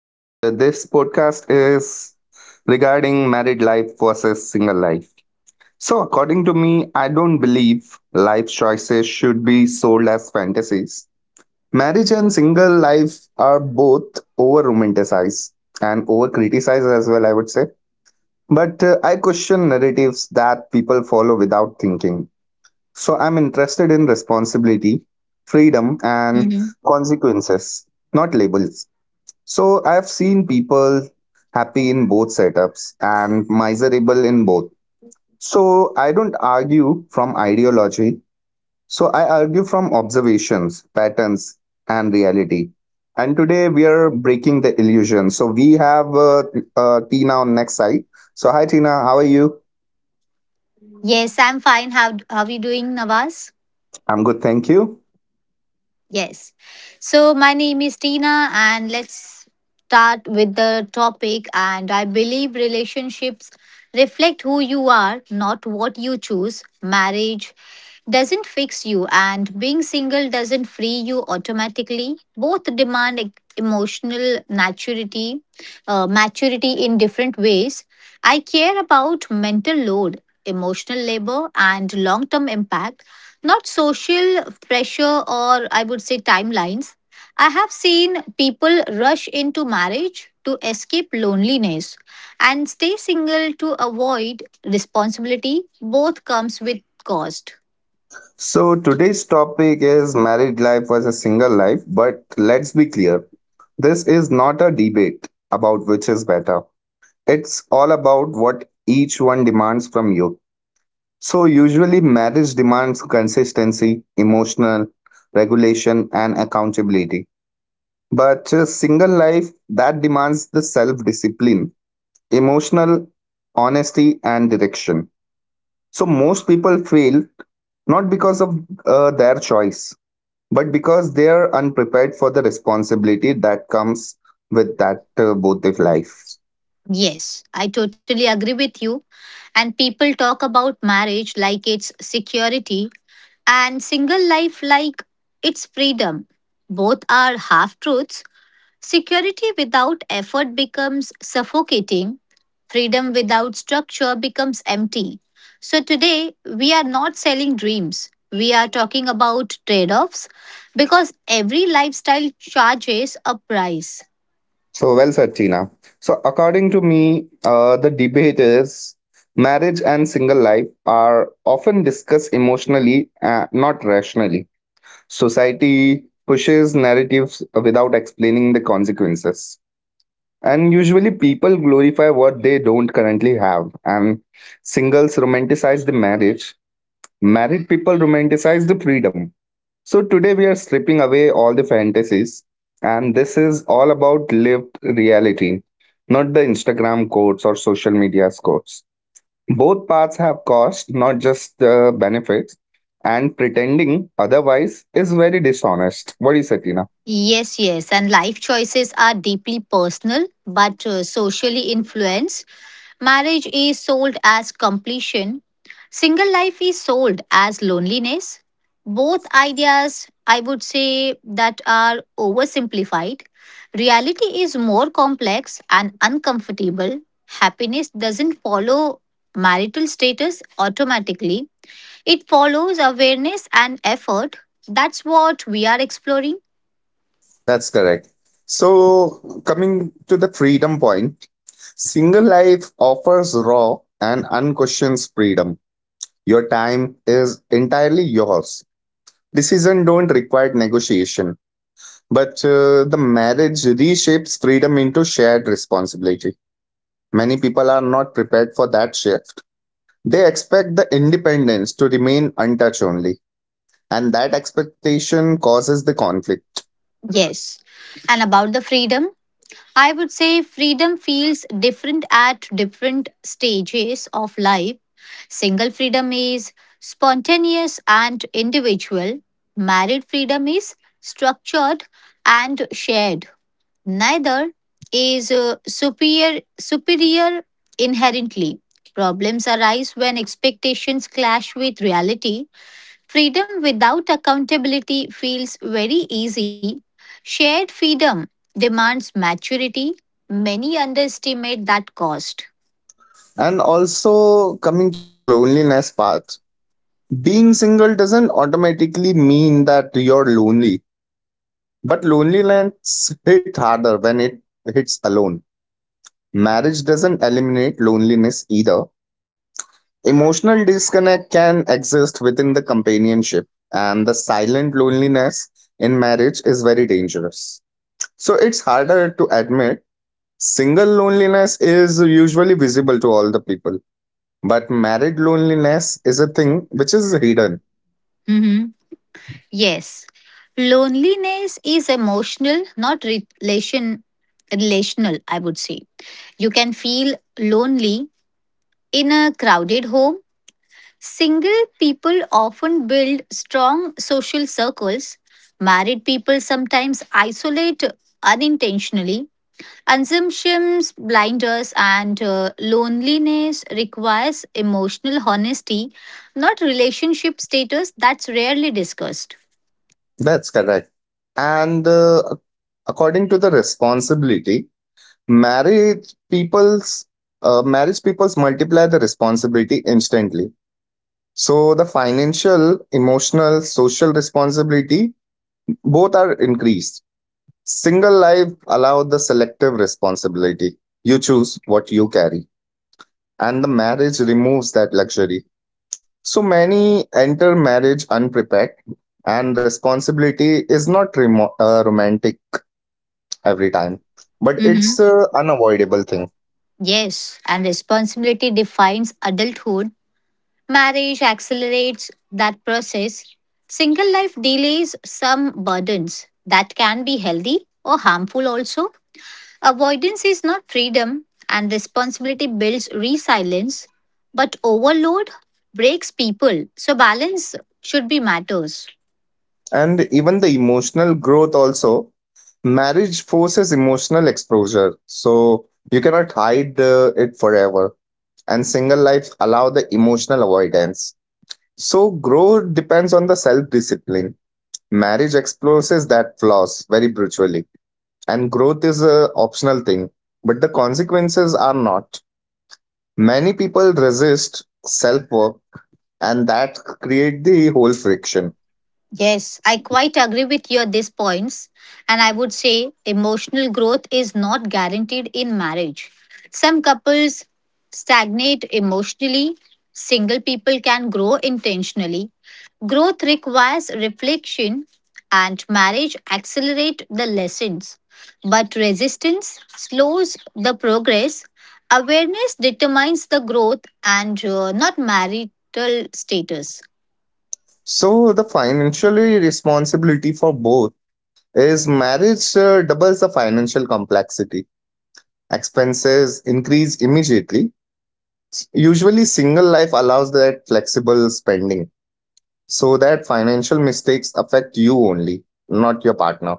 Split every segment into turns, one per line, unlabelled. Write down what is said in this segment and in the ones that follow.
and this podcast is regarding married life versus single life. So, according to me, I don't believe life choices should be sold as fantasies. Marriage and single life are both over romanticized and over criticized as well, I would say. But I question narratives that people follow without thinking. So, I'm interested in responsibility, freedom, and
Hmm.
consequences, not labels. So I've seen people happy in both setups and miserable in both. So I don't argue from ideology. So I argue from observations, patterns, and reality. And today we are breaking the illusion. So we have Tina on next side. So hi Tina, how are you?
Yes, I'm fine. How are you doing, Nawaz?
I'm good, thank you.
Yes. So my name is Tina and let's start with the topic and I believe relationships reflect who you are, not what you choose. Marriage doesn't fix you and being single doesn't free you automatically. Both demand emotional maturity, maturity in different ways. I care about mental load, emotional labor and long-term impact not social pressure or I would say timelines. I have seen people rush into marriage to escape loneliness and stay single to avoid responsibility. Both comes with cost.
So today's topic is married life versus single life. But let's be clear, this is not a debate about which is better. It's all about what each one demands from you. So, usually, marriage demands consistency, emotional regulation, and accountability. But single life that demands the self discipline, emotional honesty, and direction. So, most people fail not because of their choice, but because they are unprepared for the responsibility that comes with that both of life.
Yes, I totally agree with you. And people talk about marriage like it's security and single life like it's freedom. Both are half truths. Security without effort becomes suffocating. Freedom without structure becomes empty. So, today we are not selling dreams. We are talking about trade offs because every lifestyle charges a price.
So well said, Tina. So according to me, the debate is marriage and single life are often discussed emotionally, not rationally. Society pushes narratives without explaining the consequences. And usually people glorify what they don't currently have. And singles romanticize the marriage. Married people romanticize the freedom, so today we are stripping away all the fantasies, and this is all about lived reality, not the Instagram quotes or social media quotes. Both paths have cost, not just the benefits, and pretending otherwise is very dishonest. What do you say, Tina?
Yes, yes, and life choices are deeply personal but socially influenced. Marriage is sold as completion. Single life is sold as loneliness. Both ideas, I would say, that are oversimplified. Reality is more complex and uncomfortable. Happiness doesn't follow marital status automatically, it follows awareness and effort. That's what we are exploring.
That's correct. So coming to the freedom point, single life offers raw and unquestioned freedom. Your time is entirely yours. Decision don't require negotiation. But the marriage reshapes freedom into shared responsibility. Many people are not prepared for that shift. They expect the independence to remain untouched only. And that expectation causes the conflict.
Yes. And about the freedom. I would say freedom feels different at different stages of life. Single freedom is spontaneous and individual. Married freedom is structured and shared. Neither is superior inherently. Problems arise when expectations clash with reality. Freedom without accountability feels very easy. Shared freedom demands maturity. Many underestimate that cost.
And also, coming to the loneliness part, being single doesn't automatically mean that you're lonely. But loneliness hit harder when it hits alone. Marriage doesn't eliminate loneliness either. Emotional disconnect can exist within the companionship, and the silent loneliness in marriage is very dangerous. So it's harder to admit. Single loneliness is usually visible to all the people, but married loneliness is a thing which is hidden.
Mhm. Yes. Loneliness is emotional, not relational, I would say. You can feel lonely in a crowded home. Single people often build strong social circles. Married people sometimes isolate unintentionally. Assumptions, blinders, and loneliness requires emotional honesty, not relationship status that's rarely discussed.
That's correct. And according to the responsibility, married people's marriage people's multiply the responsibility instantly. So the financial, emotional, social responsibility, both are increased. Single life allowed the selective responsibility. You choose what you carry. And the marriage removes that luxury. So many enter marriage unprepared and responsibility is not romantic every time, but
Hmm.
it's a unavoidable thing.
Yes, and responsibility defines adulthood. Marriage accelerates that process. Single life delays some burdens that can be healthy or harmful also. Avoidance is not freedom, and responsibility builds resilience, but overload breaks people. So balance should be matters.
And even the emotional growth also. Marriage forces emotional exposure, so you cannot hide the, it forever. And single lives allow the emotional avoidance. So growth depends on the self discipline. Marriage exposes that flaws very brutally, and growth is a optional thing, but the consequences are not. Many people resist self work, and that create the whole friction.
Yes, I quite agree with your these points. And I would say emotional growth is not guaranteed in marriage. Some couples stagnate emotionally, single people can grow intentionally. Growth requires reflection, and marriage accelerates the lessons. But resistance slows the progress. Awareness determines the growth and not marital status.
So the financial responsibility for both is marriage doubles the financial complexity. Expenses increase immediately. Usually single life allows that flexible spending so that financial mistakes affect you only, not your partner.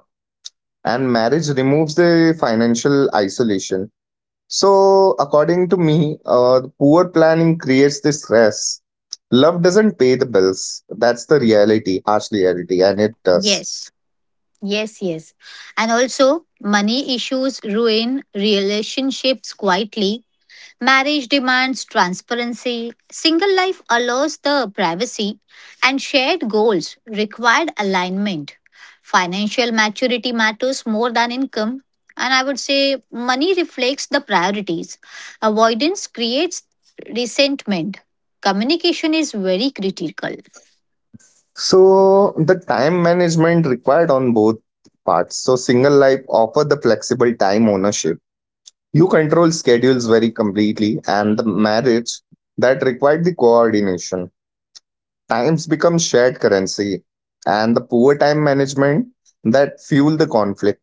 And marriage removes the financial isolation. So, according to me, poor planning creates this stress. Love doesn't pay the bills. That's the reality, harsh reality, and it does.
Yes. Yes, yes. And also, money issues ruin relationships quietly. Marriage demands transparency. Single life allows the privacy, and shared goals required alignment. Financial maturity matters more than income. And I would say money reflects the priorities. Avoidance creates resentment. Communication is very critical.
So, the time management required on both parts. So, single life offer the flexible time ownership. You control schedules very completely, and the marriage that required the coordination. Times become shared currency, and the poor time management that fuel the conflict.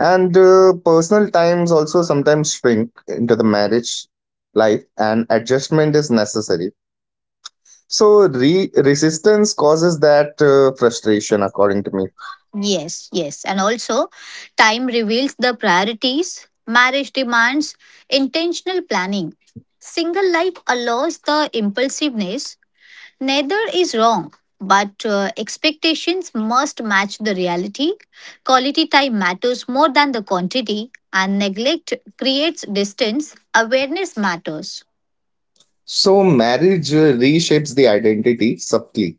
And personal times also sometimes shrink into the marriage life, and adjustment is necessary. So resistance causes that frustration, according to me.
Yes, yes. And also, time reveals the priorities. Marriage demands intentional planning. Single life allows the impulsiveness. Neither is wrong, but expectations must match the reality. Quality time matters more than the quantity, and neglect creates distance. Awareness matters.
So marriage reshapes the identity subtly.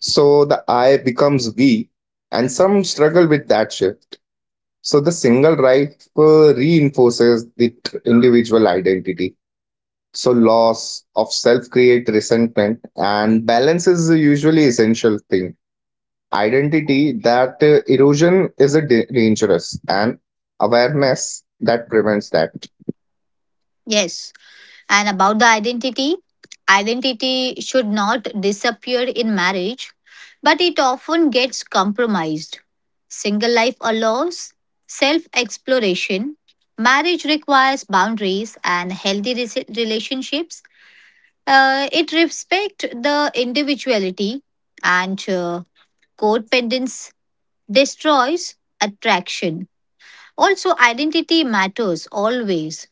So the I becomes we, and some struggle with that shift. So the single life reinforces the individual identity. So, loss of self create resentment and balance is usually essential thing. Identity that erosion is a dangerous and awareness that prevents that.
Yes. And about the identity, identity should not disappear in marriage, but it often gets compromised. Single life allows self exploration. Marriage requires boundaries and healthy relationships. It respects the individuality and codependence destroys attraction. Also, identity matters always.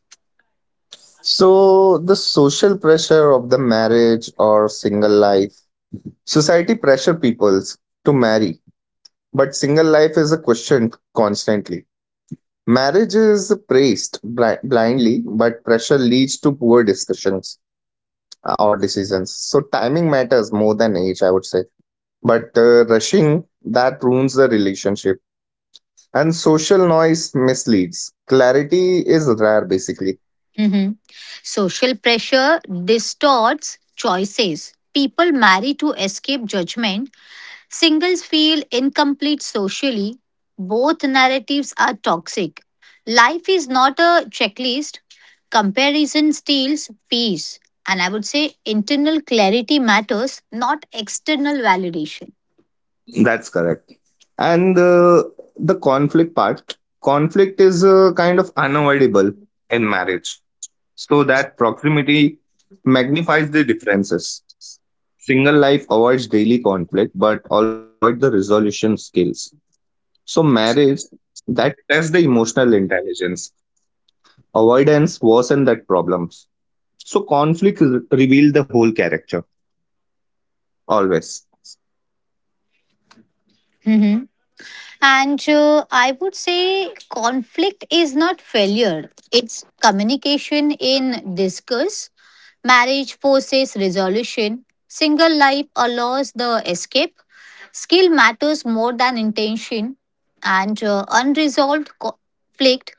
So, the social pressure of the marriage or single life, society pressure peoples to marry, but single life is a question constantly. Marriage is praised blindly, but pressure leads to poor discussions our decisions. So timing matters more than age, I would say. But rushing that ruins the relationship, and social noise misleads. Clarity is rare, basically.
Mhm. Social pressure distorts choices. People marry to escape judgment. Singles feel incomplete socially. Both narratives are toxic. Life is not a checklist. Comparison steals peace. And I would say internal clarity matters, not external validation.
That's correct. And the conflict part, conflict is kind of unavoidable in marriage. So that proximity magnifies the differences. Single life avoids daily conflict, but also avoid the resolution skills. So, marriage that tests the emotional intelligence. Avoidance worsen that problems. So, conflict reveal the whole character always.
Mhm. And I would say conflict is not failure, it's communication in discourse. Marriage forces resolution. Single life allows the escape. Skill matters more than intention, and unresolved conflict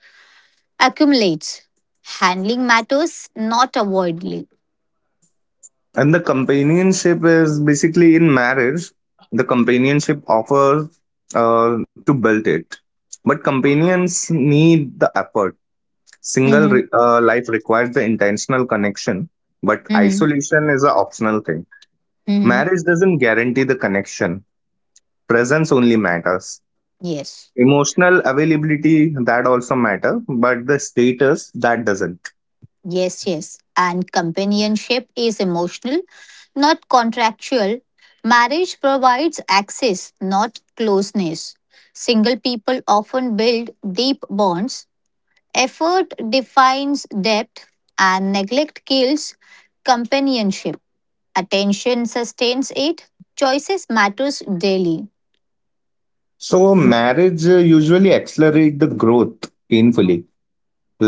accumulates. Handling matters, not avoiding.
And the companionship is basically in marriage, the companionship offers uh, to build it. But companions need the effort. Single
Mhm.
life requires the intentional connection, but
Mhm.
isolation is an optional thing.
Mhm.
Marriage doesn't guarantee the connection, presence only matters.
Yes,
Emotional availability that also matter but the status that doesn't.
yes, yes. And companionship is emotional, not contractual. Marriage provides access, not closeness. Single people often build deep bonds. Effort defines depth, and neglect kills companionship. Attention sustains it. Choices matters daily.
So marriage usually accelerate the growth painfully.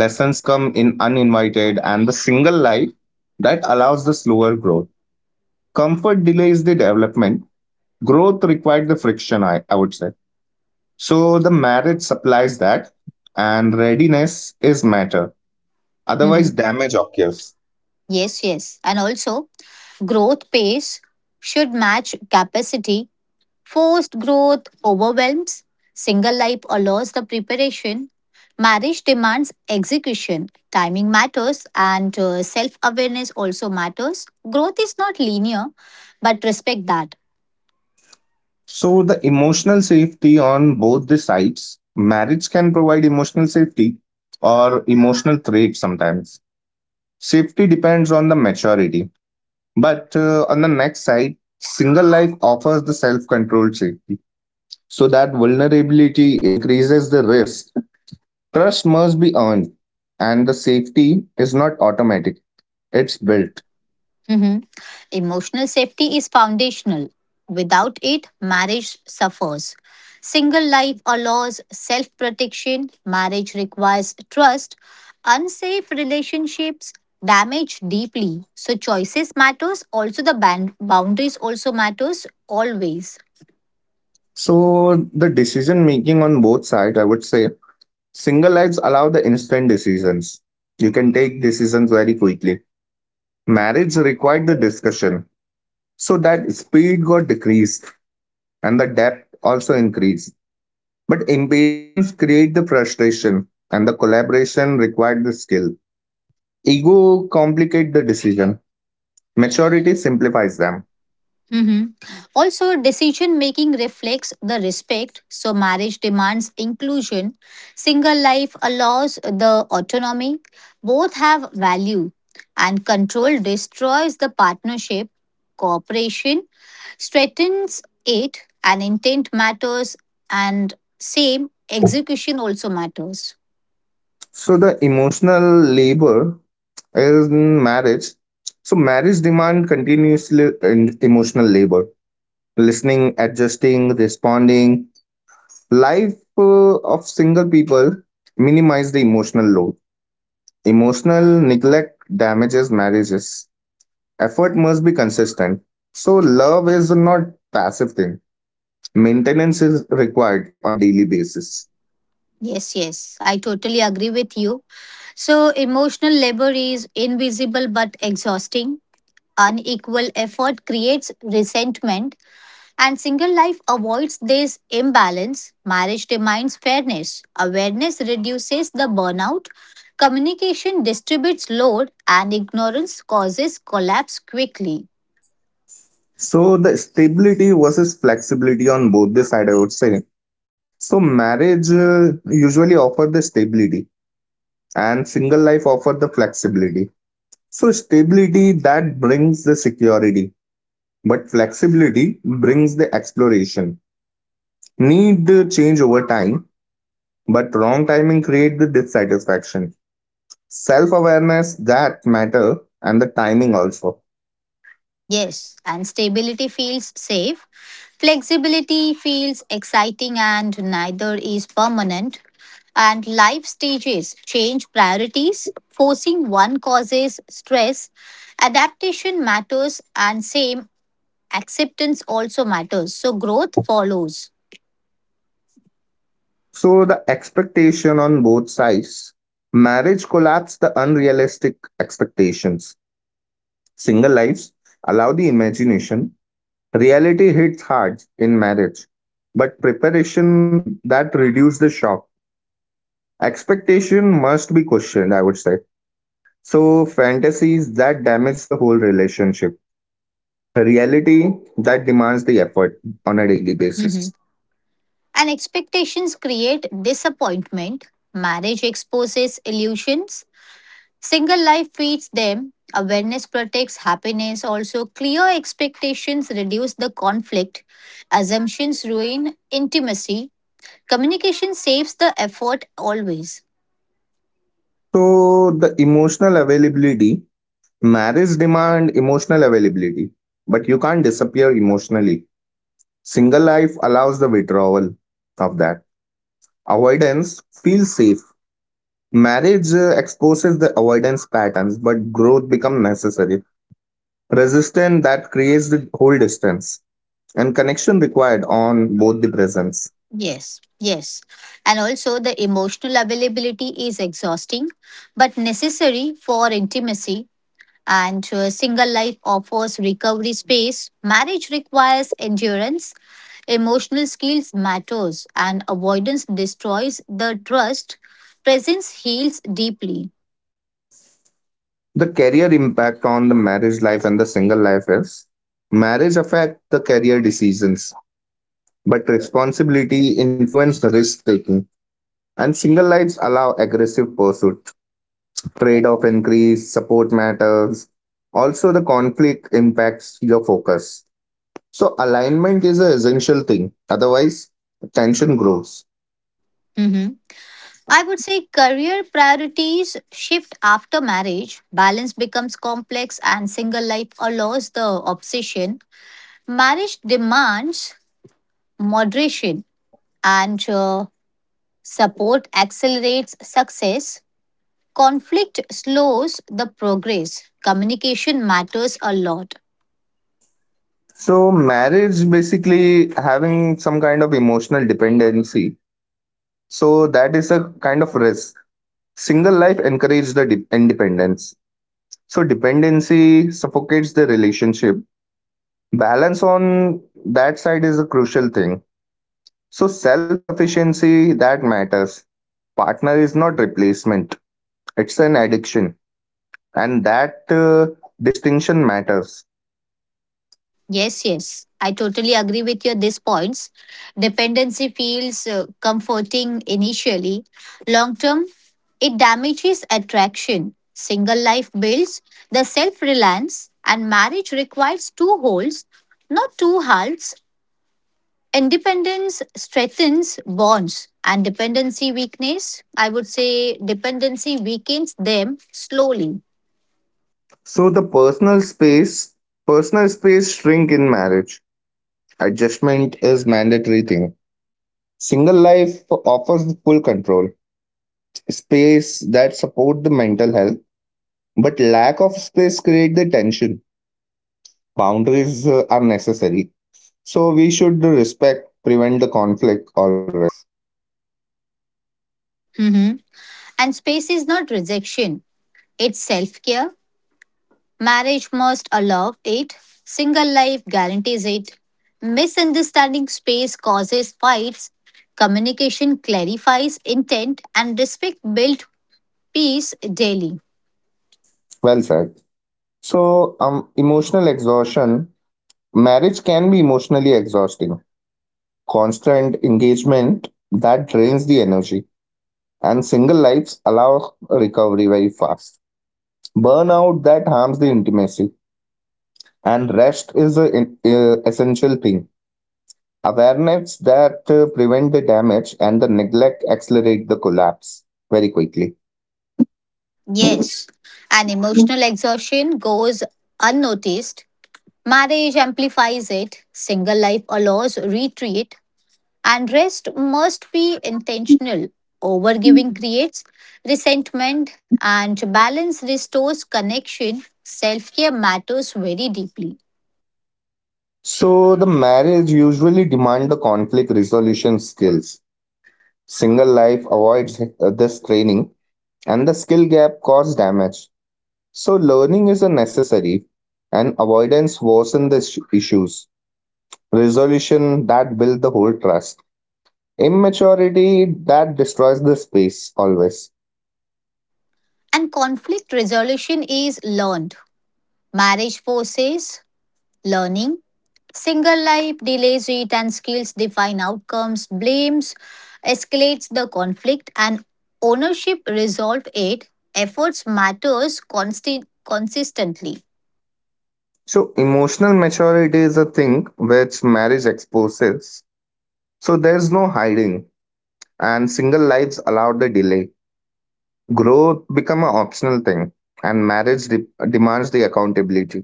Lessons come in uninvited and the single life that allows the slower growth. Comfort delays the development. Growth required the friction I would say. So the marriage supplies that and readiness is matter, otherwise
Mhm.
damage occurs.
Yes, yes. And also, growth pace should match capacity. Forced growth overwhelms. Single life allows the preparation. Marriage demands execution. Timing matters, and self awareness also matters. Growth is not linear, but respect that.
So, the emotional safety on both the sides, marriage can provide emotional safety or emotional threat sometimes. Safety depends on the maturity. But on the next side, single life offers the self controlled safety. So, that vulnerability increases the risk. Trust must be earned, and the safety is not automatic, it's built.
Mhm. Emotional safety is foundational. Without it, marriage suffers. Single life allows self protection, marriage requires trust. Unsafe relationships damage deeply. So choices matters, also the boundaries also matters always.
So, the decision making on both sides, I would say, single lives allow the instant decisions. You can take decisions very quickly. Marriage required the discussion, so that speed got decreased and the depth also increased. But impatience create the frustration, and the collaboration required the skill. Ego complicate the decision. Maturity simplifies them.
Mhm. Also, decision making reflects the respect. So, marriage demands inclusion. Single life allows the autonomy. Both have value. And control destroys the partnership. Cooperation strengthens it. And intent matters. And same execution also matters.
So the emotional labor is in marriage. So marriage demand continuously and emotional labor listening, adjusting, responding. Life of single people minimize the emotional load. Emotional neglect damages marriages. Effort must be consistent. So love is not passive thing. Maintenance is required on a daily basis.
Yes, yes. I totally agree with you. So, emotional labor is invisible but exhausting. Unequal effort creates resentment, and single life avoids this imbalance. Marriage demands fairness. Awareness reduces the burnout. Communication distributes load, and ignorance causes collapse quickly.
So the stability versus flexibility on both the side, I would say. So marriage usually offer the stability and single life offer the flexibility. So stability that brings the security. But flexibility brings the exploration. Need the change over time, but wrong timing create the dissatisfaction. Self-awareness that matter and the timing also.
Yes, and stability feels safe. Flexibility feels exciting and neither is permanent. And life stages change priorities. Forcing one causes stress. Adaptation matters and same acceptance also matters. So growth follows.
So the expectation on both sides. Marriage collapse the unrealistic expectations. Single lives allow the imagination. Reality hits hard in marriage, but preparation that reduce the shock. Expectation must be questioned, I would say. So, fantasies that damage the whole relationship, a reality that demands the effort on a daily
Mhm.
basis.
And expectations create disappointment. Marriage exposes illusions. Single life feeds them. Awareness protects happiness. Also, clear expectations reduce the conflict. Assumptions ruin intimacy. Communication saves the effort always.
So, the emotional availability, marriage demand emotional availability, but you can't disappear emotionally. Single life allows the withdrawal of that. Avoidance feels safe. Marriage exposes the avoidance patterns, but growth becomes necessary. Resistance that creates the whole distance and connection required on both the presence.
Yes, yes. And also, the emotional availability is exhausting but necessary for intimacy. And single life offers recovery space. Marriage requires endurance. Emotional skills matters and avoidance destroys the trust. Presence heals deeply.
The career impact on the marriage life and the single life is marriage affect the career decisions but responsibility influence the risk taking and single lives allow aggressive pursuit. Trade off increase support matters, also the conflict impacts your focus, so alignment is an essential thing otherwise tension grows.
Mhm. I would say career priorities shift after marriage. Balance becomes complex and single life allows the obsession. Marriage demands moderation and support accelerates success. Conflict slows the progress. Communication matters a lot.
So marriage basically having some kind of emotional dependency so that is a kind of risk. Single life encourages the independence. So dependency suffocates the relationship. Balance on that side is a crucial thing. So self sufficiency that matters. Partner is not replacement. It's an addiction, and that distinction matters.
Yes, yes. I totally agree with your these points. Dependency feels comforting initially. Long term, it damages attraction. Single life builds the self reliance, and marriage requires two wholes, not two halves. Independence strengthens bonds, and dependency weakness, I would say, dependency weakens them slowly.
So the personal space shrink in marriage. Adjustment is mandatory thing. Single life offers full control, space that support the mental health. But lack of space create the tension. Boundaries are necessary. So we should respect, prevent the conflict always.
Mhm. And space is not rejection, it's self care. Marriage must allow it, single life guarantees it. Misunderstanding space causes fights, communication clarifies intent, and respect builds peace daily.
Well said. So emotional exhaustion. Marriage can be emotionally exhausting. Constant engagement that drains the energy. And single lives allow recovery very fast. Burnout that harms the intimacy. And rest is an essential thing. Awareness that prevent the damage and the neglect accelerate the collapse very quickly.
Yes, and emotional exhaustion goes unnoticed. Marriage amplifies it, single life allows retreat, and rest must be intentional. Overgiving creates resentment, and balance restores connection. Self care matters very deeply.
So the marriage usually demand the conflict resolution skills. Single life avoids this training and the skill gap cause damage. So learning is a necessary and avoidance worsen the issues. Resolution that build the whole trust. Immaturity that destroys the space always.
And conflict resolution is learned. Marriage forces learning. Single life delays it, and skills define outcomes. Blames escalates the conflict, and ownership resolve it. Efforts matters consistently.
So emotional maturity is a thing which marriage exposes. So there's no hiding and single lives allow the delay. Growth become an optional thing and marriage demands the accountability.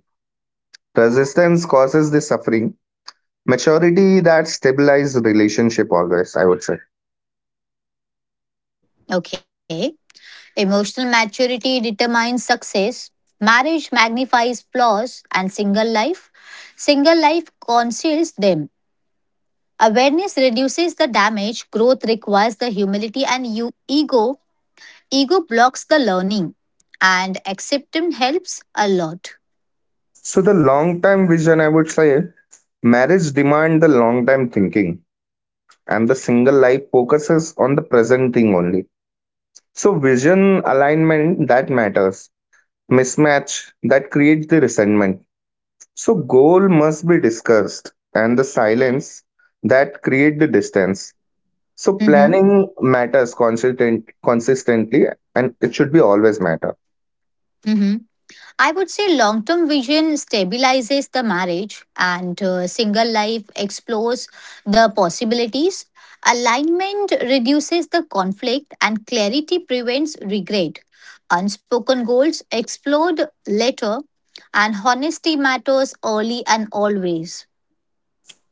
Resistance causes the suffering. Maturity that stabilizes relationship always, I would say.
Okay. Emotional maturity determines success. Marriage magnifies flaws and single life. Single life conceals them. Awareness reduces the damage. Growth requires the humility and you ego. Ego blocks the learning. And acceptance helps a lot.
So the long term vision, I would say, marriage demand the long time thinking and the single life focuses on the present thing only. So vision alignment that matters mismatch that creates the resentment. So goal must be discussed and the silence that create the distance. So
Mm-hmm.
planning matters consistently and it should be always matter.
Mm-hmm. I would say long term vision stabilizes the marriage and single life explores the possibilities. Alignment reduces the conflict and clarity prevents regret. Unspoken goals explode later and honesty matters early and always.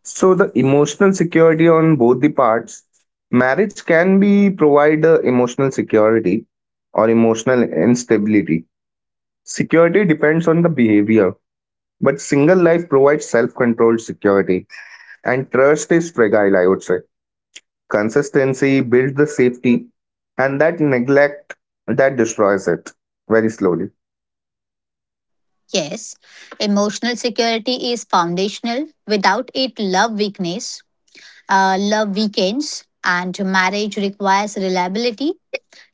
So the emotional security on both the parts, marriage can be provide emotional security or emotional instability. Security depends on the behavior, but single life provides self-controlled security and trust is fragile, I would say. Consistency builds the safety, and that neglect that destroys it very slowly.
Yes, emotional security is foundational. Without it, love weakness, love weakens, and marriage requires reliability.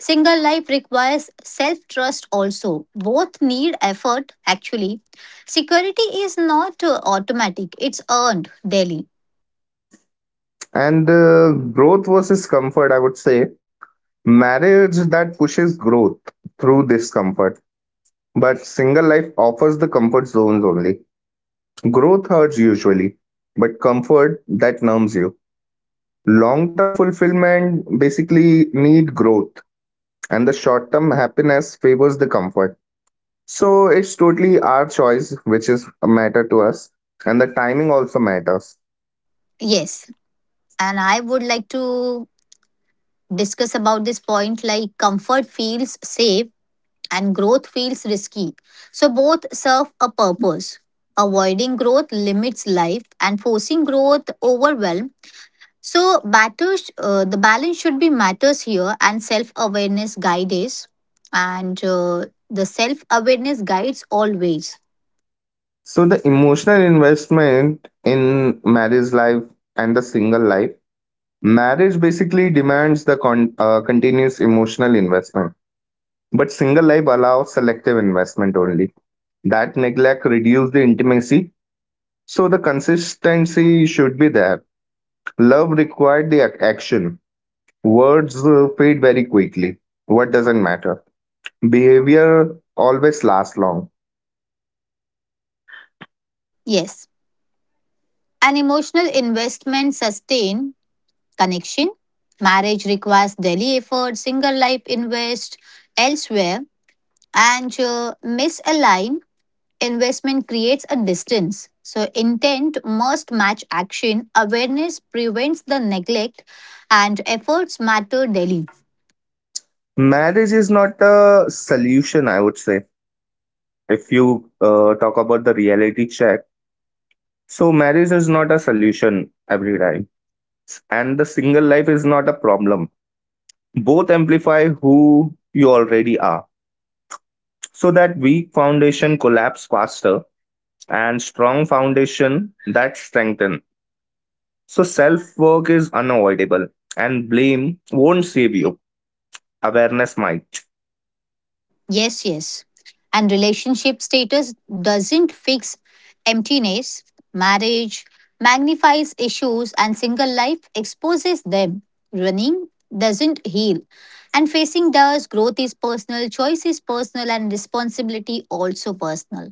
Single life requires self trust also. Both need effort, actually. Security is not automatic, it's earned daily.
And growth versus comfort, I would say marriage that pushes growth through discomfort, but single life offers the comfort zones only. Growth hurts usually, but comfort that numbs you. Long term fulfillment basically need growth, and the short term happiness favors the comfort. So it's totally our choice which is a matter to us, and the timing also matters.
Yes. And I would like to discuss about this point like comfort feels safe and growth feels risky. So both serve a purpose. Avoiding growth limits life and forcing growth overwhelm. So, matters, the balance should be matters here, and self awareness guide is. And the self awareness guides always.
So the emotional investment in marriage life and the single life, marriage basically demands the continuous emotional investment, but single life allows selective investment only. That neglect reduces the intimacy, so the consistency should be there. Love required the action. Words fade very quickly. What doesn't matter? Behavior always lasts long.
Yes. An emotional investment sustain connection. Marriage requires daily effort, single life invest elsewhere, and misalign investment creates a distance. So, intent must match action. Awareness prevents the neglect, and efforts matter daily.
Marriage is not a solution, I would say. If you talk about the reality check, so marriage is not a solution every time, and the single life is not a problem. Both amplify who you already are, so that weak foundation collapse faster and strong foundation that strengthen. So self work is unavoidable, and blame won't save you. Awareness might.
Yes, yes. And relationship status doesn't fix emptiness. Marriage magnifies issues and single life exposes them. Running doesn't heal. And facing does, growth is personal, choice is personal, and responsibility also personal.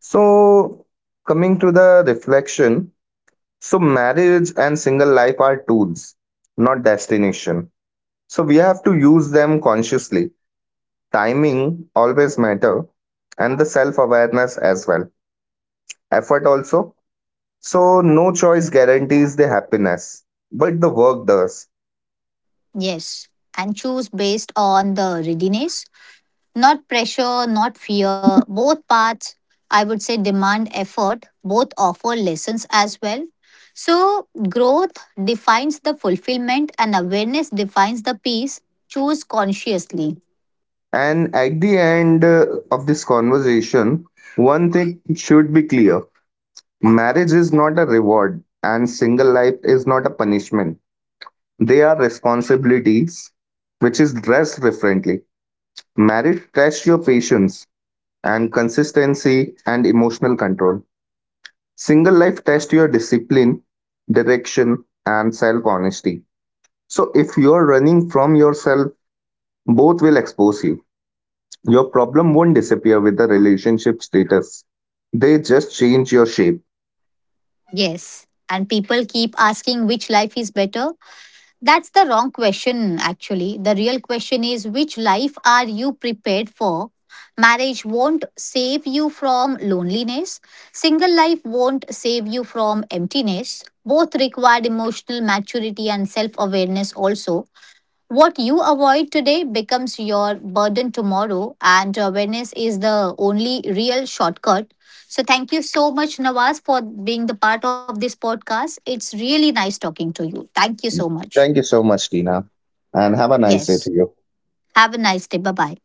So, coming to the reflection, so marriage and single life are tools, not destination. So we have to use them consciously. Timing always matter, and the self-awareness as well. Effort also. So no choice guarantees the happiness, but the work does.
Yes. And choose based on the readiness. Not pressure, not fear. Both paths, I would say, demand effort. Both offer lessons as well. So, growth defines the fulfillment and awareness defines the peace. Choose consciously.
And at the end of this conversation, one thing should be clear: marriage is not a reward, and single life is not a punishment. They are responsibilities, which is dressed differently. Marriage tests your patience and consistency and emotional control. Single life tests your discipline, direction, and self honesty. So, if you are running from yourself, both will expose you. Your problem won't disappear with the relationship status, they just change your shape.
Yes. And people keep asking which life is better. That's the wrong question, actually. The real question is which life are you prepared for? Marriage won't save you from loneliness. Single life won't save you from emptiness. Both required emotional maturity and self awareness, also. What you avoid today becomes your burden tomorrow, and awareness is the only real shortcut. So, thank you so much, Nawaz, for being the part of this podcast. It's really nice talking to you. Thank you so much.
Thank you so much, Tina, and have a nice day
Yes.
to you.
Have a nice day. Bye bye.